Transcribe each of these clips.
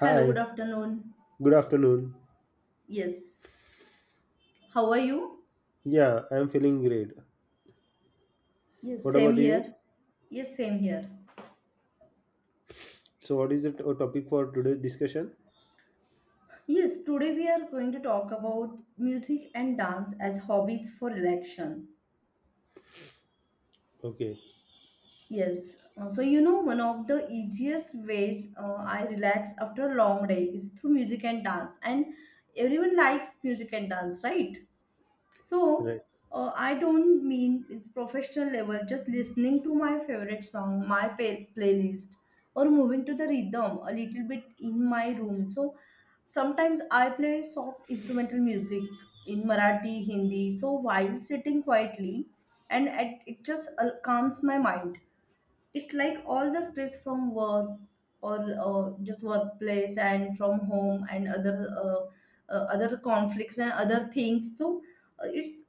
Hello, good Hi, afternoon. good afternoon. Yes, how are you? Yeah, I am feeling great. Yes, What same about you? here. Yes, same here. So, what is the topic for today's discussion? Yes, today we are going to talk about music and dance as hobbies for relaxation. Okay, Yes, so you know, one of the easiest ways I relax after a long day is through music and dance, and everyone likes music and dance, right? right. So, I don't mean it's professional level, just listening to my favorite song, my playlist, or moving to the rhythm a little bit in my room. So, sometimes I play soft instrumental music in Marathi, Hindi, so while sitting quietly, and it just calms my mind. It's like all the stress from work or just workplace and from home and other other conflicts and other things, so it's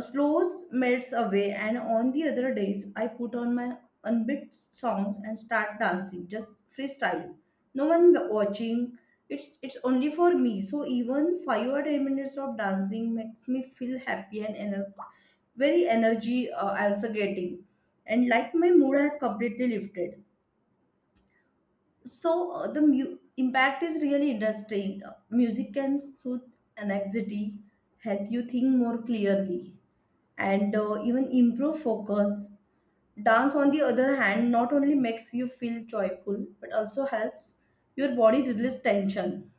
slows melts away, and on the other days, I put on my unbeat songs and start dancing, just freestyle. No one watching. It's only for me. So even 5 or 10 minutes of dancing makes me feel happy and very energy I also getting, and like my mood has completely lifted. So the impact is really interesting. Music can soothe anxiety, help you think more clearly, and even improve focus. Dance, on the other hand, not only makes you feel joyful but also helps your body release tension,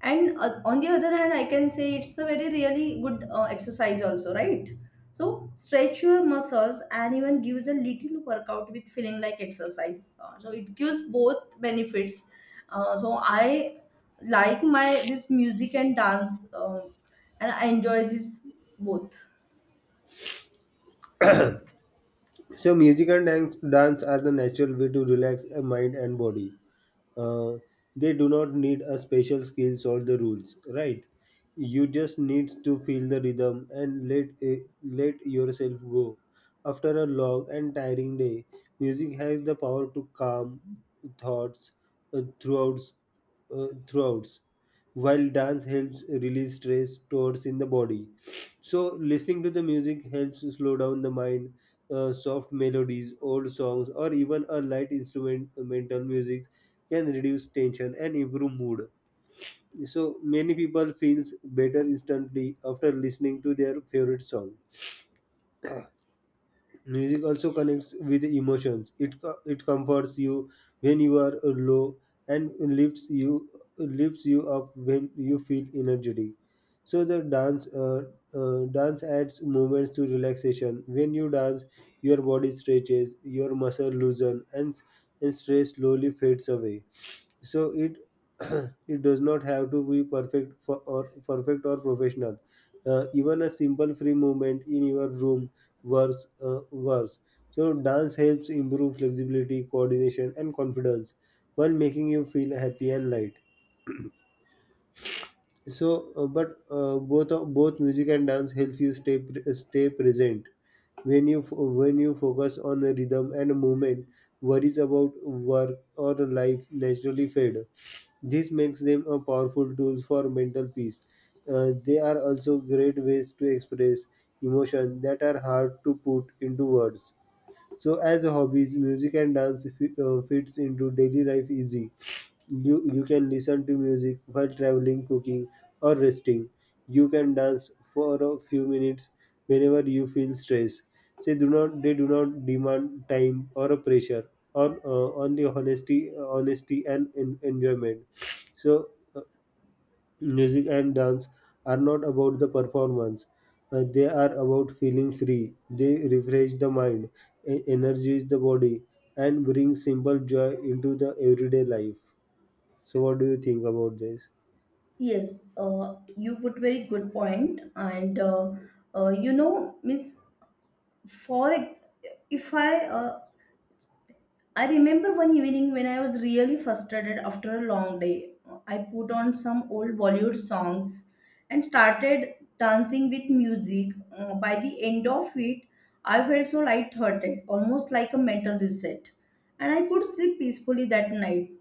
and on the other hand, I can say it's a very really good exercise also, right? So stretch your muscles and even gives a little workout with feeling like exercise. So it gives both benefits. So I like my this music and dance, and I enjoy this both. So, music and dance are the natural way to relax a mind and body. uh, they do not need a special skills or the rules, right? You just need to feel the rhythm and let yourself go. After a long and tiring day, music has the power to calm thoughts. Throughout throughout While dance helps release stress towards in the body. So listening to the music helps slow down the mind. Soft melodies, old songs, or even a light instrumental music can reduce tension and improve mood. So many people feels better instantly after listening to their favorite song. Music also connects with emotions. It comforts you when you are low, and lifts you lifts you up when you feel energetic. So the dance dance adds movements to relaxation. When you dance, your body stretches, your muscle loosen, and stress slowly fades away. So it it does not have to be perfect or professional. Even a simple free movement in your room works. So dance helps improve flexibility, coordination, and confidence while making you feel happy and light. So but both both music and dance help you stay stay present. When you when you focus on the rhythm and movement, worries about work or life naturally fade. This makes them a powerful tool for mental peace. They are also great ways to express emotion that are hard to put into words. So, as hobbies, music and dance fits into daily life easy. You can listen to music while traveling, cooking, or resting. You can dance for a few minutes whenever you feel stressed. They do not demand time or a pressure on the honesty honesty and enjoyment. So uh, music and dance are not about the performance. They are about feeling free. They refresh the mind, energize the body, and bring simple joy into the everyday life. So, what do you think about this? Yes, you put very good point, and you know, Miss, for ex- if I I remember one evening when I was really frustrated after a long day. I put on some old Bollywood songs and started dancing with music. By the end of it, I felt so lighthearted, almost like a mental reset. And I could sleep peacefully that night.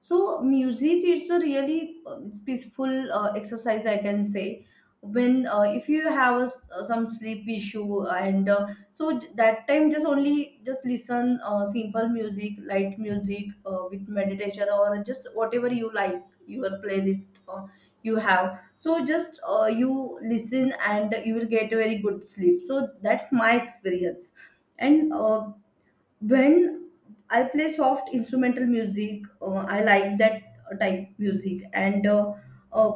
So music is a really it's peaceful exercise, I can say. When if you have a some sleep issue, and so that time just only just listen simple music, light music with meditation or just whatever you like your playlist you have. So just you listen and you will get a very good sleep. So that's my experience. And when I play soft instrumental music, I like that type music. And uh,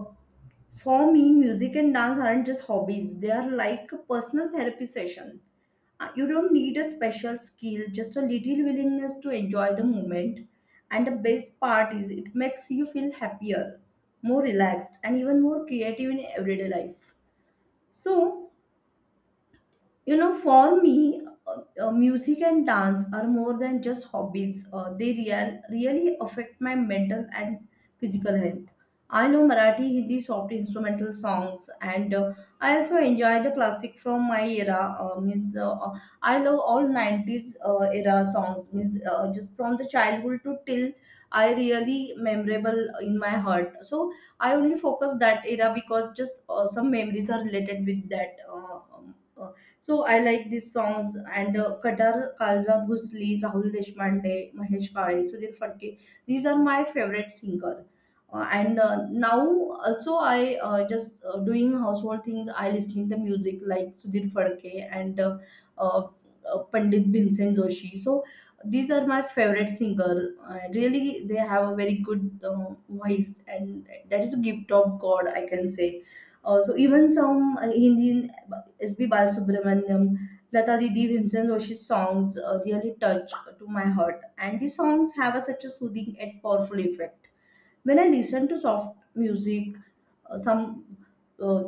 for me, music and dance aren't just hobbies; they are like a personal therapy session. You don't need a special skill, just a little willingness to enjoy the moment. And the best part is, it makes you feel happier, more relaxed, and even more creative in everyday life. So, you know, for me, music and dance are more than just hobbies. They really affect my mental and physical health. I know Marathi, Hindi, soft instrumental songs, and I also enjoy the classic from my era. Means I love all '90s era songs. Means just from the childhood to till I really memorable in my heart. So I only focus that era because just some memories are related with that. So I like these songs and Kadar, Kaljat Ghusli, Rahul Deshpande, Mahesh Kale, Sudhir Phadke. These are my favorite singer. And now also I just doing household things. I listening the music like Sudhir Phadke and uh, Pandit Bhimsen Joshi. So these are my favorite singer. Really, they have a very good voice, and that is a gift of God, I can say. So even some Hindi S.B. Balasubramaniam, Lata Didi, Bhimsen Roshi's songs really touch to my heart, and these songs have a, such a soothing and powerful effect. When I listen to soft music, some uh,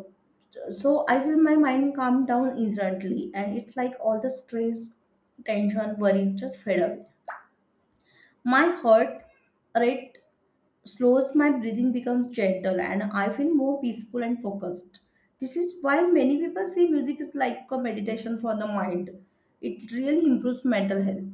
so I feel my mind calm down instantly, and it's like all the stress, tension, worry just fade away. My heart rate slows, my breathing becomes gentle, and I feel more peaceful and focused. This is why many people say music is like a meditation for the mind. It really improves mental health.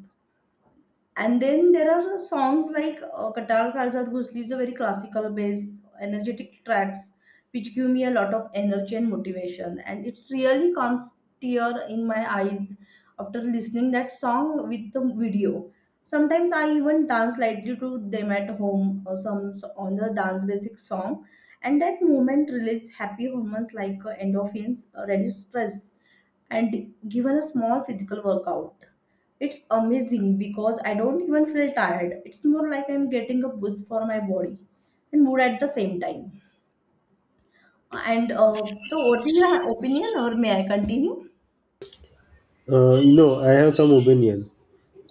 And then there are songs like Katal Khalsa Ghusli is a very classical based, energetic tracks which give me a lot of energy and motivation. And it's really comes tear in my eyes after listening that song with the video. Sometimes I even dance lightly to them at home or some on the dance basic song. And that moment release happy hormones like endorphins, reduce stress, and given a small physical workout. It's amazing because I don't even feel tired. It's more like I'm getting a boost for my body and mood at the same time. And so, what do you have opinion, or may I continue? No, I have some opinion.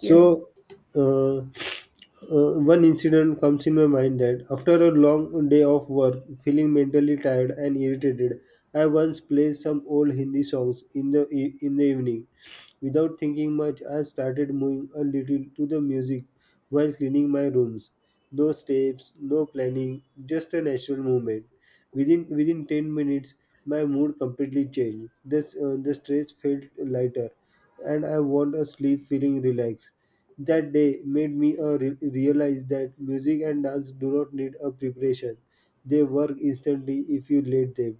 Yes. uh, uh, one incident comes in my mind that after a long day of work, feeling mentally tired and irritated, I once played some old Hindi songs in the in the evening. Without thinking much, I started moving a little to the music while cleaning my rooms. No steps, no planning, just a natural movement. Within 10 minutes, my mood completely changed. This The stress felt lighter, and I want a sleep feeling relaxed. That day made me realize that music and dance do not need a preparation. They work instantly if you let them.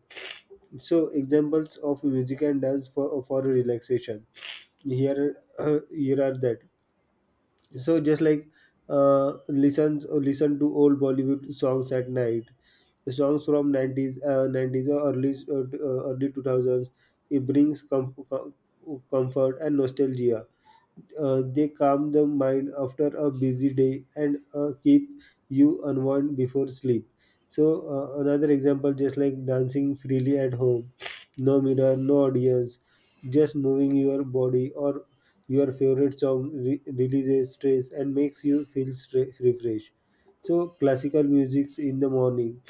So examples of music and dance for relaxation. Here are that. So just like listen to old Bollywood songs at night, the songs from 90s, 90s or early early 2000s. It brings comfort and nostalgia. They calm the mind after a busy day and keep you unwind before sleep. So another example, just like dancing freely at home, no mirror, no audience, just moving your body or your favorite song releases stress and makes you feel refreshed. So classical music in the morning,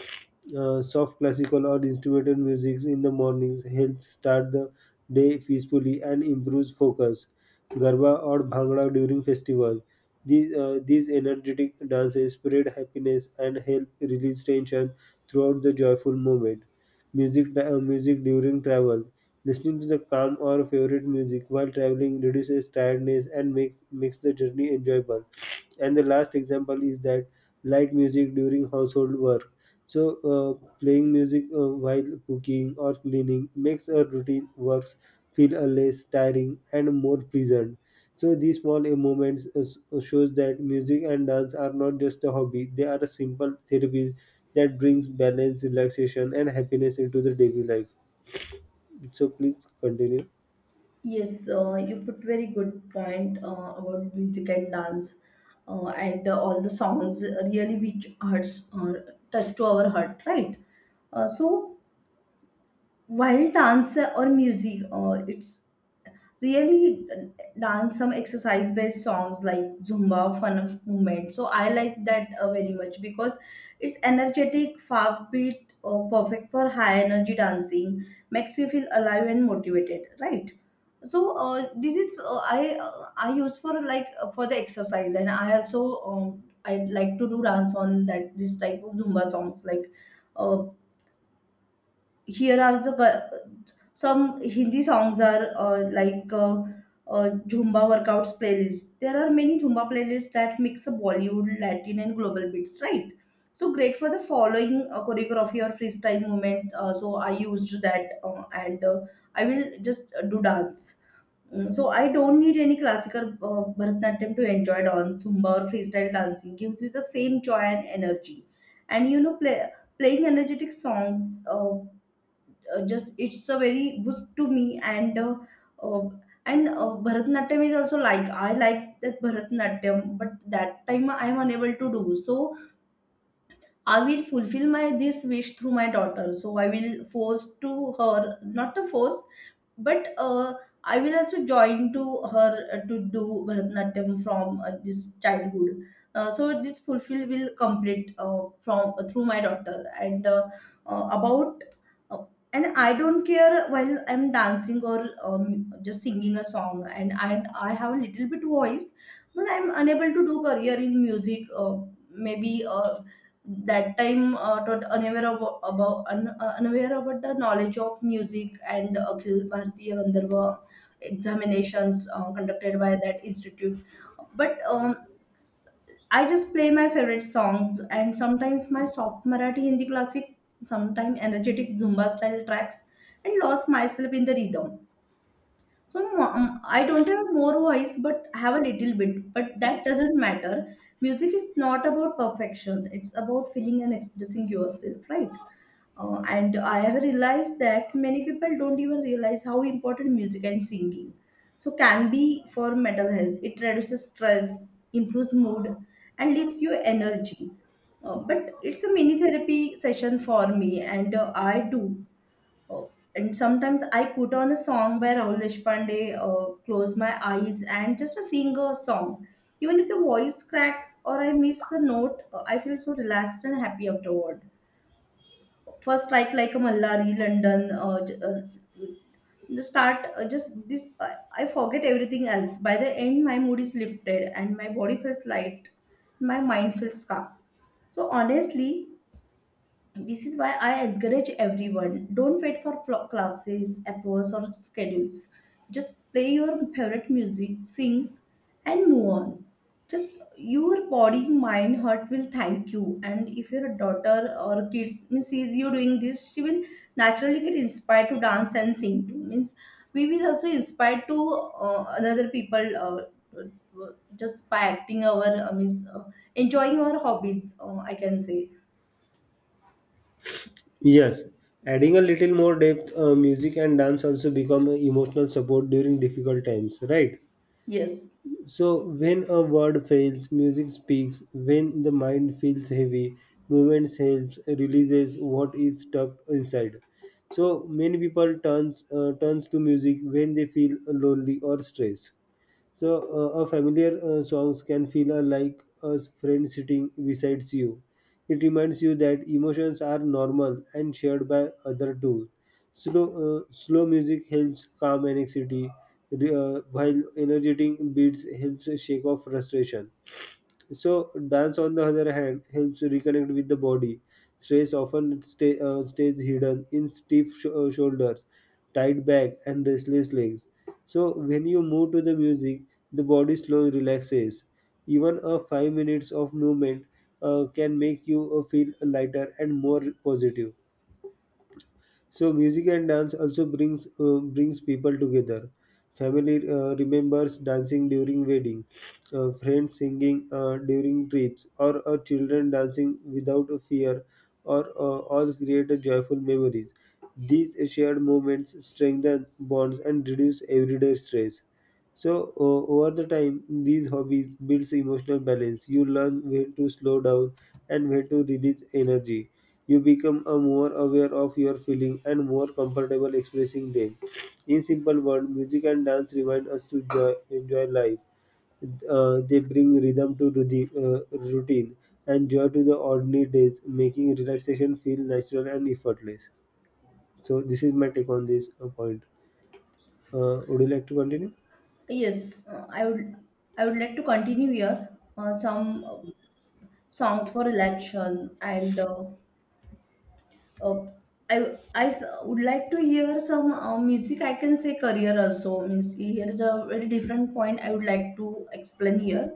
soft classical or instrumental music in the mornings helps start the day peacefully and improves focus. Garba or Bhangra during festival. These energetic dances spread happiness and help release tension throughout the joyful moment. Music during travel. Listening to the calm or favorite music while traveling reduces tiredness and makes the journey enjoyable. And the last example is that light music during household work. So, playing music while cooking or cleaning makes our routine works feel less tiring and more pleasant. So, these small moments shows that music and dance are not just a hobby; they are a simple therapies that brings balance, relaxation, and happiness into the daily life. So, please continue. Yes, you put very good point about music and dance, and all the songs really which hearts touch to our heart, right? So while dance or music it's really dance some exercise based songs like zumba fun of movement, so I like that very much because it's energetic fast beat perfect for high energy dancing makes you feel alive and motivated, right? So this is I use for like for the exercise, and I also I like to do dance on that this type of zumba songs like uh, here are the some Hindi songs are Zumba workouts playlist. There are many Zumba playlists that mix a Bollywood, Latin, and global beats, right? So great for the following choreography or freestyle movement. So I used that and I will just do dance. Mm, so I don't need any classical Bharatanatyam to enjoy dance, Zumba or freestyle dancing gives you the same joy and energy. And you know, playing energetic songs just it's a very boost to me, and uh, Bharatanatyam is also like I like that Bharatanatyam, but that time I am unable to do. So I will fulfill my this wish through my daughter. So I will force to her, not to force, but I will also join to her to do Bharatanatyam from this childhood. So this fulfill will complete from through my daughter, and about uh, and I don't care while I'm dancing or just singing a song, and I have a little bit voice, but I'm unable to do career in music. Maybe that time tot unaware about, unaware about the knowledge of music and Akhil Bharatiya Gandharva examinations conducted by that institute. But I just play my favorite songs and sometimes my soft Marathi Hindi classic, sometimes energetic Zumba style tracks and lost myself in the rhythm. So no, no, I don't have more voice, but I have a little bit. But that doesn't matter. Music is not about perfection. It's about feeling and expressing yourself, right? And I have realized that many people don't even realize how important music and singing so can be for mental health. It reduces stress, improves mood, and lifts your energy. But it's a mini therapy session for me, and I do. Oh, and sometimes I put on a song by Rahul Deshpande, close my eyes and just a sing a song. Even if the voice cracks or I miss a note, I feel so relaxed and happy afterward. First, like a Mallari, London, the start, I forget everything else. By the end, my mood is lifted and my body feels light, my mind feels calm. So honestly, this is why I encourage everyone don't wait for classes, approvals, or schedules. Just play your favorite music, sing, and move on. Just your body, mind, heart will thank you. And if your daughter or kids means sees you doing this, she will naturally get inspired to dance and sing too. Means we will also inspire to another people uh, just by acting our means enjoying our hobbies. I can say Yes, adding a little more depth, music and dance also become a emotional support during difficult times, right? yes. So, when a word fails, music speaks. When the mind feels heavy, movement helps, releases what is stuck inside. So, many people turns to music when they feel lonely or stressed. So, a familiar songs can feel like a friend sitting beside you. It reminds you that emotions are normal and shared by other too. Slow music helps calm anxiety, while energetic beats helps shake off frustration. So dance, on the other hand, helps reconnect with the body. Stress often stays hidden in stiff shoulders, tight back, and restless legs. So when you move to the music, the body slowly relaxes. Even a 5 minutes of movement can make you feel lighter and more positive. So music and dance also brings people together. Family remembers dancing during wedding, friends singing during trips, or children dancing without a fear, or all create a joyful memories. These shared moments strengthen bonds and reduce everyday stress. So over the time, these hobbies builds emotional balance. You learn when to slow down and when to release energy. You become a more aware of your feelings and more comfortable expressing them. In simple words, music and dance remind us to enjoy life. They bring rhythm to routine and joy to the ordinary days, making relaxation feel natural and effortless. So this is my take on this point. Would you like to continue? Yes, I would like to continue here some songs for election and uh, I would like to hear some music, I can say career also, means here's a very different point I would like to explain here.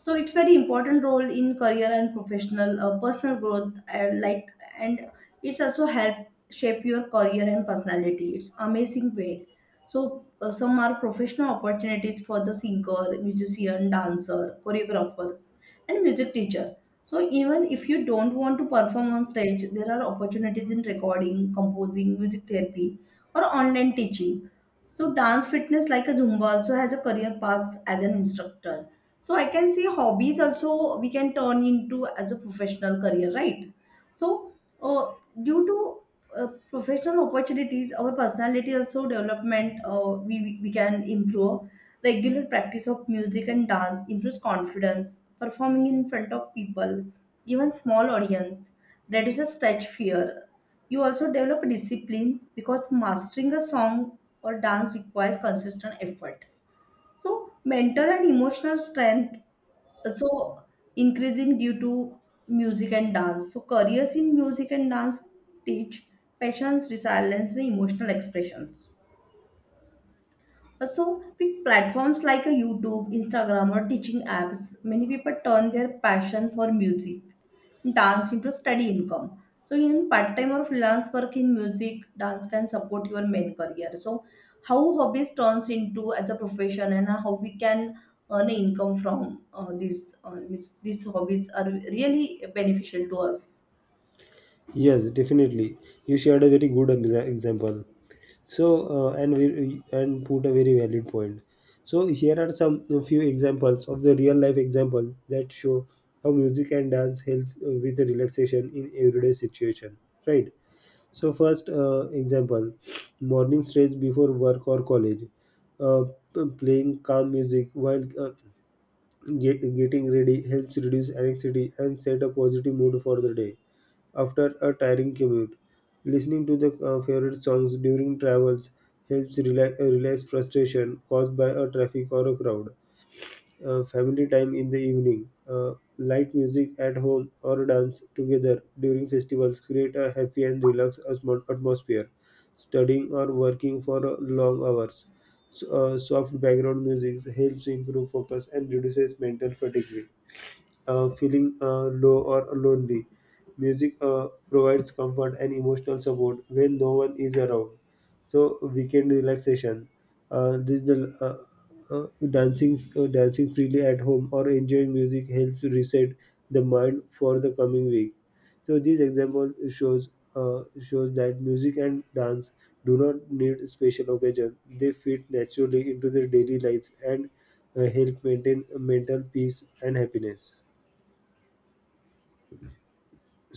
So it's very important role in career and professional personal growth and like and it's also help shape your career and personality. It's amazing way, so some are professional opportunities for the singer, musician, dancer, choreographers, and music teacher. So even if you don't want to perform on stage, there are opportunities in recording, composing, music therapy, or online teaching. So dance fitness like a Zumba also has a career path as an instructor. So I can say hobbies also we can turn into as a professional career, right? So, uh, due to professional opportunities, our personality also development. We can improve. Regular practice of music and dance improves confidence. Performing in front of people, even small audience, reduces stage fear. You also develop discipline because mastering a song or dance requires consistent effort. So, mental and emotional strength so increasing due to music and dance. So careers in music and dance teach patience, resilience, and emotional expressions. So, with platforms like a YouTube, Instagram, or teaching apps, many people turn their passion for music, dance into steady income. So, in part time or freelance work in music, dance can support your main career. So, how hobbies turns into as a profession and how we can earn income from these means these hobbies are really beneficial to us. Yes, definitely. You shared a very good example. So, and we and put a very valid point. So here are some a few examples of the real life example that show how music and dance help with the relaxation in everyday situation. Right. So first example, morning stretch before work or college, uh, playing calm music while getting ready helps reduce anxiety and set a positive mood for the day after a tiring commute. Listening to the favorite songs during travels helps relax frustration caused by a traffic or a crowd. Family time in the evening, light music at home, or dance together during festivals create a happy and relaxed atmosphere. Studying or working for long hours, so, soft background music helps improve focus and reduces mental fatigue. Feeling low or lonely, music provides comfort and emotional support when no one is around. So weekend relaxation. This is the dancing freely at home or enjoying music helps reset the mind for the coming week. So this example shows shows that music and dance do not need special occasion. They fit naturally into their daily life and help maintain mental peace and happiness.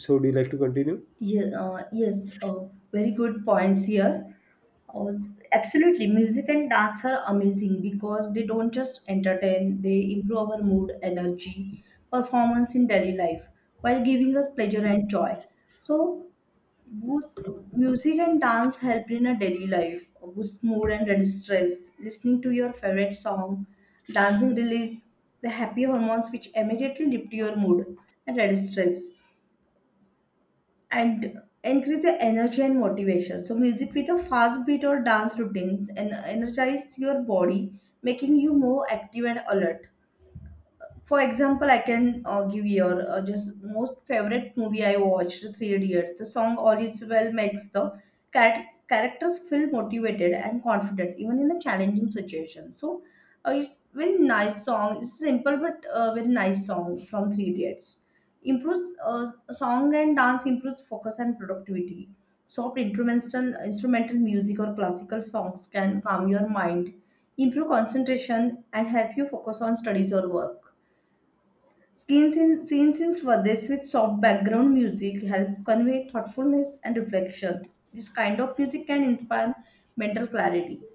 So, do you like to continue? Yeah, uh, yes, uh, very good points here. Uh, Absolutely, music and dance are amazing because they don't just entertain, they improve our mood, energy, performance in daily life while giving us pleasure and joy. So, boost, music and dance help in a daily life, boost mood and reduce stress. Listening to your favorite song, dancing release the happy hormones which immediately lift your mood and reduce stress and increase the energy and motivation. So music with a fast beat or dance routines and energize your body, making you more active and alert. For example, I can give your just most favorite movie I watched, Three Idiots. The song all is well makes the characters feel motivated and confident even in the challenging situation. So it's very nice song. It's simple but very nice song from Three Idiots. Improves song and dance improves focus and productivity. Soft instrumental music or classical songs can calm your mind, improve concentration, and help you focus on studies or work. Scenes in Swades with soft background music help convey thoughtfulness and reflection. This kind of music can inspire mental clarity.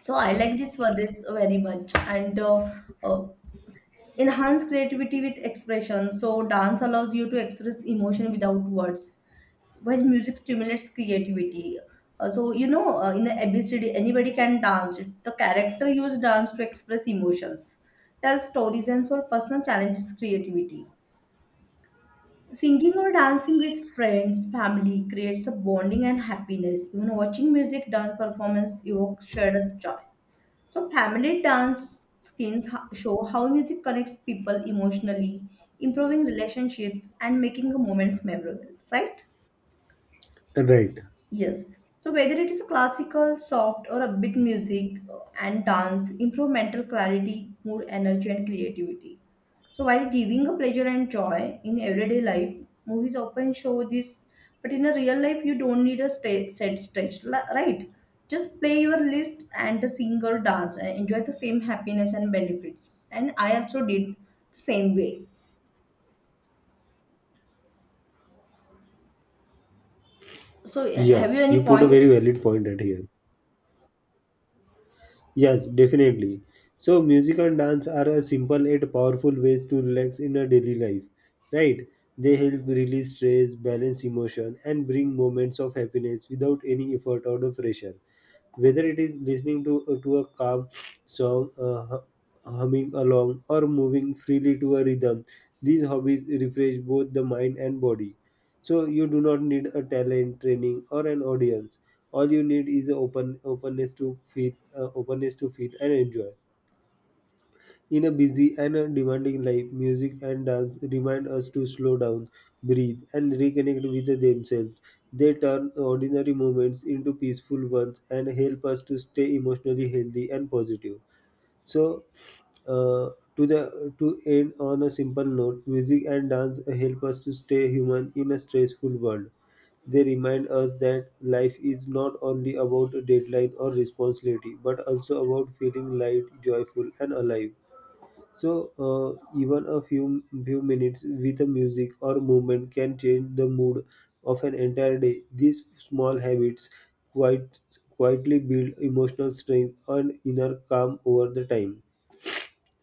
So I like this Swades very much, and uh, enhance creativity with expression. So dance allows you to express emotion without words when music stimulates creativity. So you know, in the ABCD, anybody can dance. The character use dance to express emotions, tell stories, and solve personal challenges. Creativity. Singing or dancing with friends, family creates a bonding and happiness. Even watching music dance performance evokes shared joy. So family dance skins show how music connects people emotionally, improving relationships and making the moments memorable, right? Right. Yes. So whether it is a classical, soft, or upbeat music and dance, improve mental clarity, mood, energy, and creativity. So while giving a pleasure and joy in everyday life, movies often show this. But in a real life, you don't need a set stage, right? Just play your list and sing or dance and enjoy the same happiness and benefits. And I also did the same way. So Yeah, have you you any put a very point? valid point at here. Yes, definitely. So, music and dance are a simple yet powerful ways to relax in a daily life, right? They help release stress, balance emotion, and bring moments of happiness without any effort or the pressure. Whether it is listening to a calm song, humming along, or moving freely to a rhythm, these hobbies refresh both the mind and body. So you do not need a talent training or an audience. All you need is a openness to openness to feel and enjoy. In a busy and a demanding life, music and dance remind us to slow down, breathe, and reconnect with themselves. They turn ordinary moments into peaceful ones and help us to stay emotionally healthy and positive. So uh, to the to end on a simple note, music and dance help us to stay human in a stressful world. They remind us that life is not only about a deadline or responsibility, but also about feeling light, joyful, and alive. So, even a few few minutes with a music or movement can change the mood of an entire day. These small habits quite quietly build emotional strength and inner calm over the time.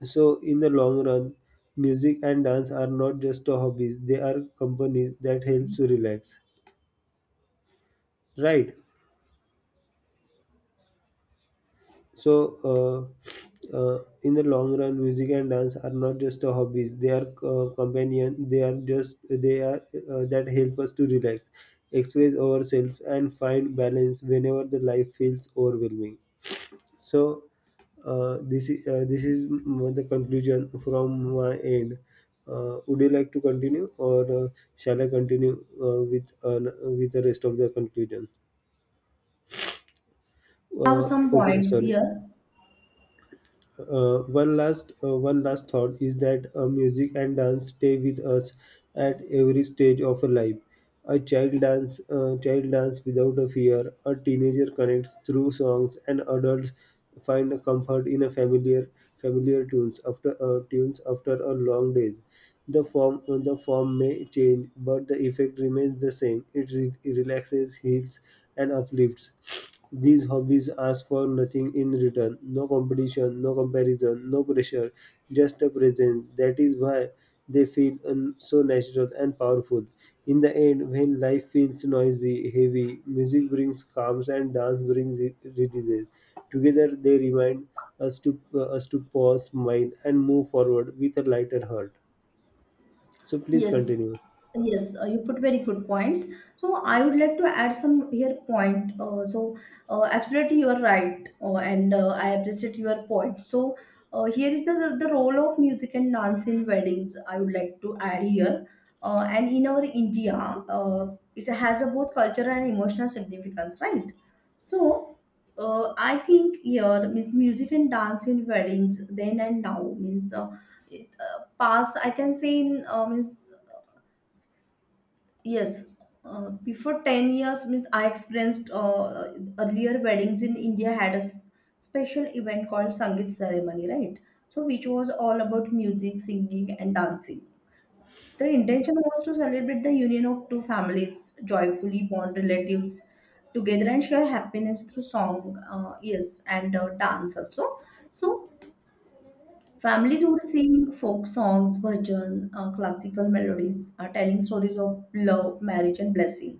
So, in the long run, music and dance are not just a hobbies; they are companies that helps you relax. Right. So, in the long run, music and dance are not just a hobbies; they are companion. They are just they are That help us to relax, express ourselves, and find balance whenever the life feels overwhelming. So this is the conclusion from my end. Would you like to continue, or shall I continue with the rest of the conclusion? I have Uh, some okay, points sorry. here. One last thought is that music and dance stay with us at every stage of a life. A child dance without a fear. A teenager connects through songs, and adults find a comfort in a familiar tunes after a long day. The form may change, but the effect remains the same. It relaxes, heals, and uplifts. These hobbies ask for nothing in return, no competition, no comparison, no pressure, just a presence. That is why they feel so natural and powerful. In the end, when life feels noisy, heavy, music brings calms and dance brings releases. Together, they remind us to pause, smile, and move forward with a lighter heart. So, please Yes, continue. yes, you put very good points. So I would like to add some here point. Absolutely, you are right, and I appreciate your point. So here is the role of music and dance in weddings. I would like to add here, and in our India, uh, it has a both cultural and emotional significance, right? So. I think here means music and dance in weddings then and now means past I can say in means yes, before 10 years means I experienced earlier weddings in India had a special event called Sangeet ceremony, right? So which was all about music, singing and dancing. The intention was to celebrate the union of two families, joyfully bond relatives together and share happiness through song, yes, and dance also. So families would sing folk songs, bhajan, classical melodies, are telling stories of love, marriage, and blessing.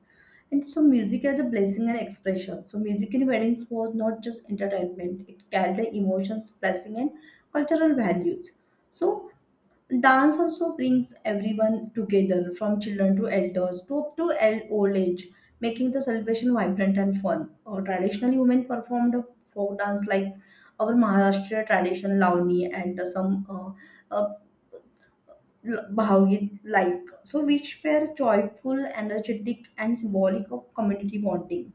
And so, music as a blessing and expression. So, music in weddings was not just entertainment; it carried the emotions, blessing, and cultural values. So, dance also brings everyone together, from children to elders to old age, making the celebration vibrant and fun. Traditionally, women performed folk dance like our Maharashtra tradition, Lavani, and some Bhagavad like so which were joyful energetic and symbolic of community bonding.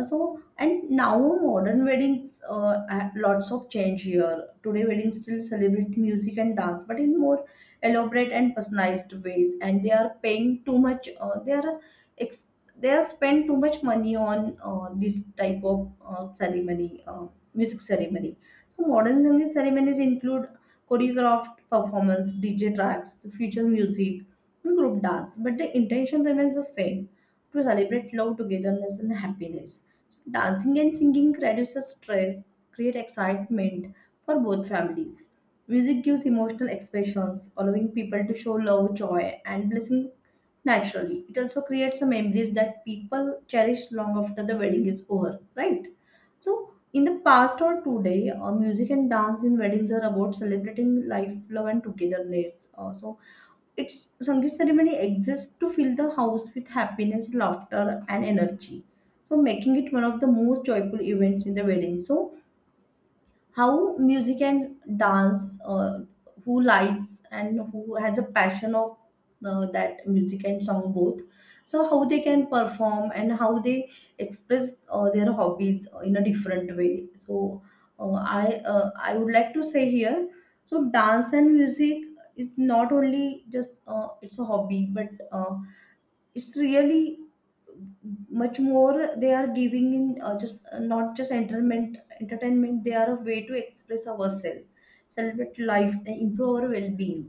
Uh, so and now modern weddings, lots of change here. Today weddings still celebrate music and dance but in more elaborate and personalized ways, and they are paying too much, ex- they are spend too much money on this type of ceremony, uh, music ceremony. So modern Sangeet ceremonies include choreographed performance, DJ tracks, future music, and group dance. But the intention remains the same to celebrate love, togetherness, and happiness. Dancing and singing reduces stress, create excitement for both families. Music gives emotional expressions, allowing people to show love, joy, and blessing naturally. It also creates some memories that people cherish long after the wedding is over, right? So, in the past or today, music and dance in weddings are about celebrating life, love, and togetherness. So, it's Sangeet ceremony exists to fill the house with happiness, laughter, and energy. So, making it one of the most joyful events in the wedding. So, how music and dance who likes and who has a passion of that music and song both, so how they can perform and how they express their hobbies in a different way. So uh, i I would like to say here, so dance and music is not only just it's a hobby, but it's really much more. They are giving in just not just entertainment, they are a way to express ourselves, celebrate life and improve our well-being.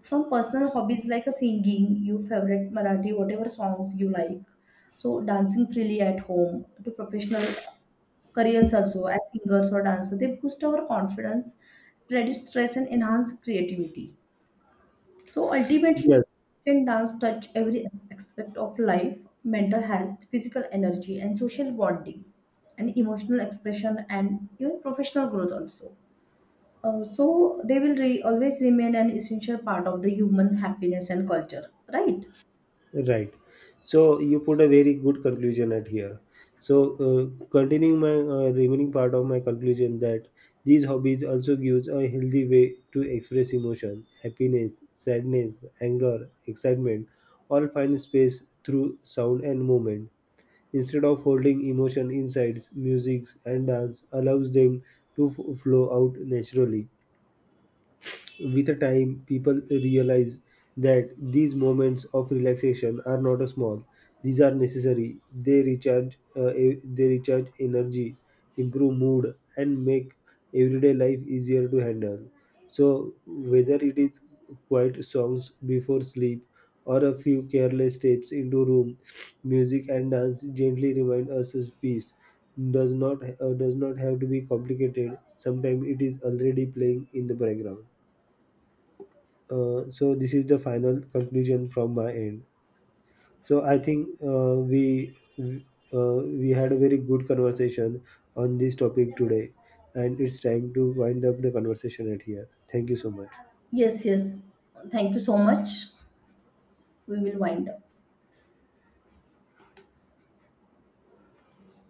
From personal hobbies like a singing your favorite marathi whatever songs you like, so dancing freely at home, to professional careers also as singers or dancers, they boost our confidence, reduce stress and enhance creativity. So ultimately, Yes. can dance touch every aspect of life, mental health, physical energy, and social bonding, and emotional expression, and even professional growth also. So they will always remain an essential part of the human happiness and culture, right? Right. So you put a very good conclusion at here. So continuing my remaining part of my conclusion that these hobbies also gives a healthy way to express emotion, happiness, sadness, anger, excitement, all find space through sound and movement. Instead of holding emotion inside, music and dance allows them to flow out naturally. With the time, people realize that these moments of relaxation are not a small; these are necessary. They they recharge energy, improve mood, and make everyday life easier to handle. So, whether it is quiet songs before sleep or a few careless steps into room, music and dance gently remind us of peace. Does not have to be complicated. Sometimes it is already playing in the background. So this is the final conclusion from my end. So I think we had a very good conversation on this topic today, and it's time to wind up the conversation at here. Thank you so much. Yes, yes. Thank you so much. We will wind up.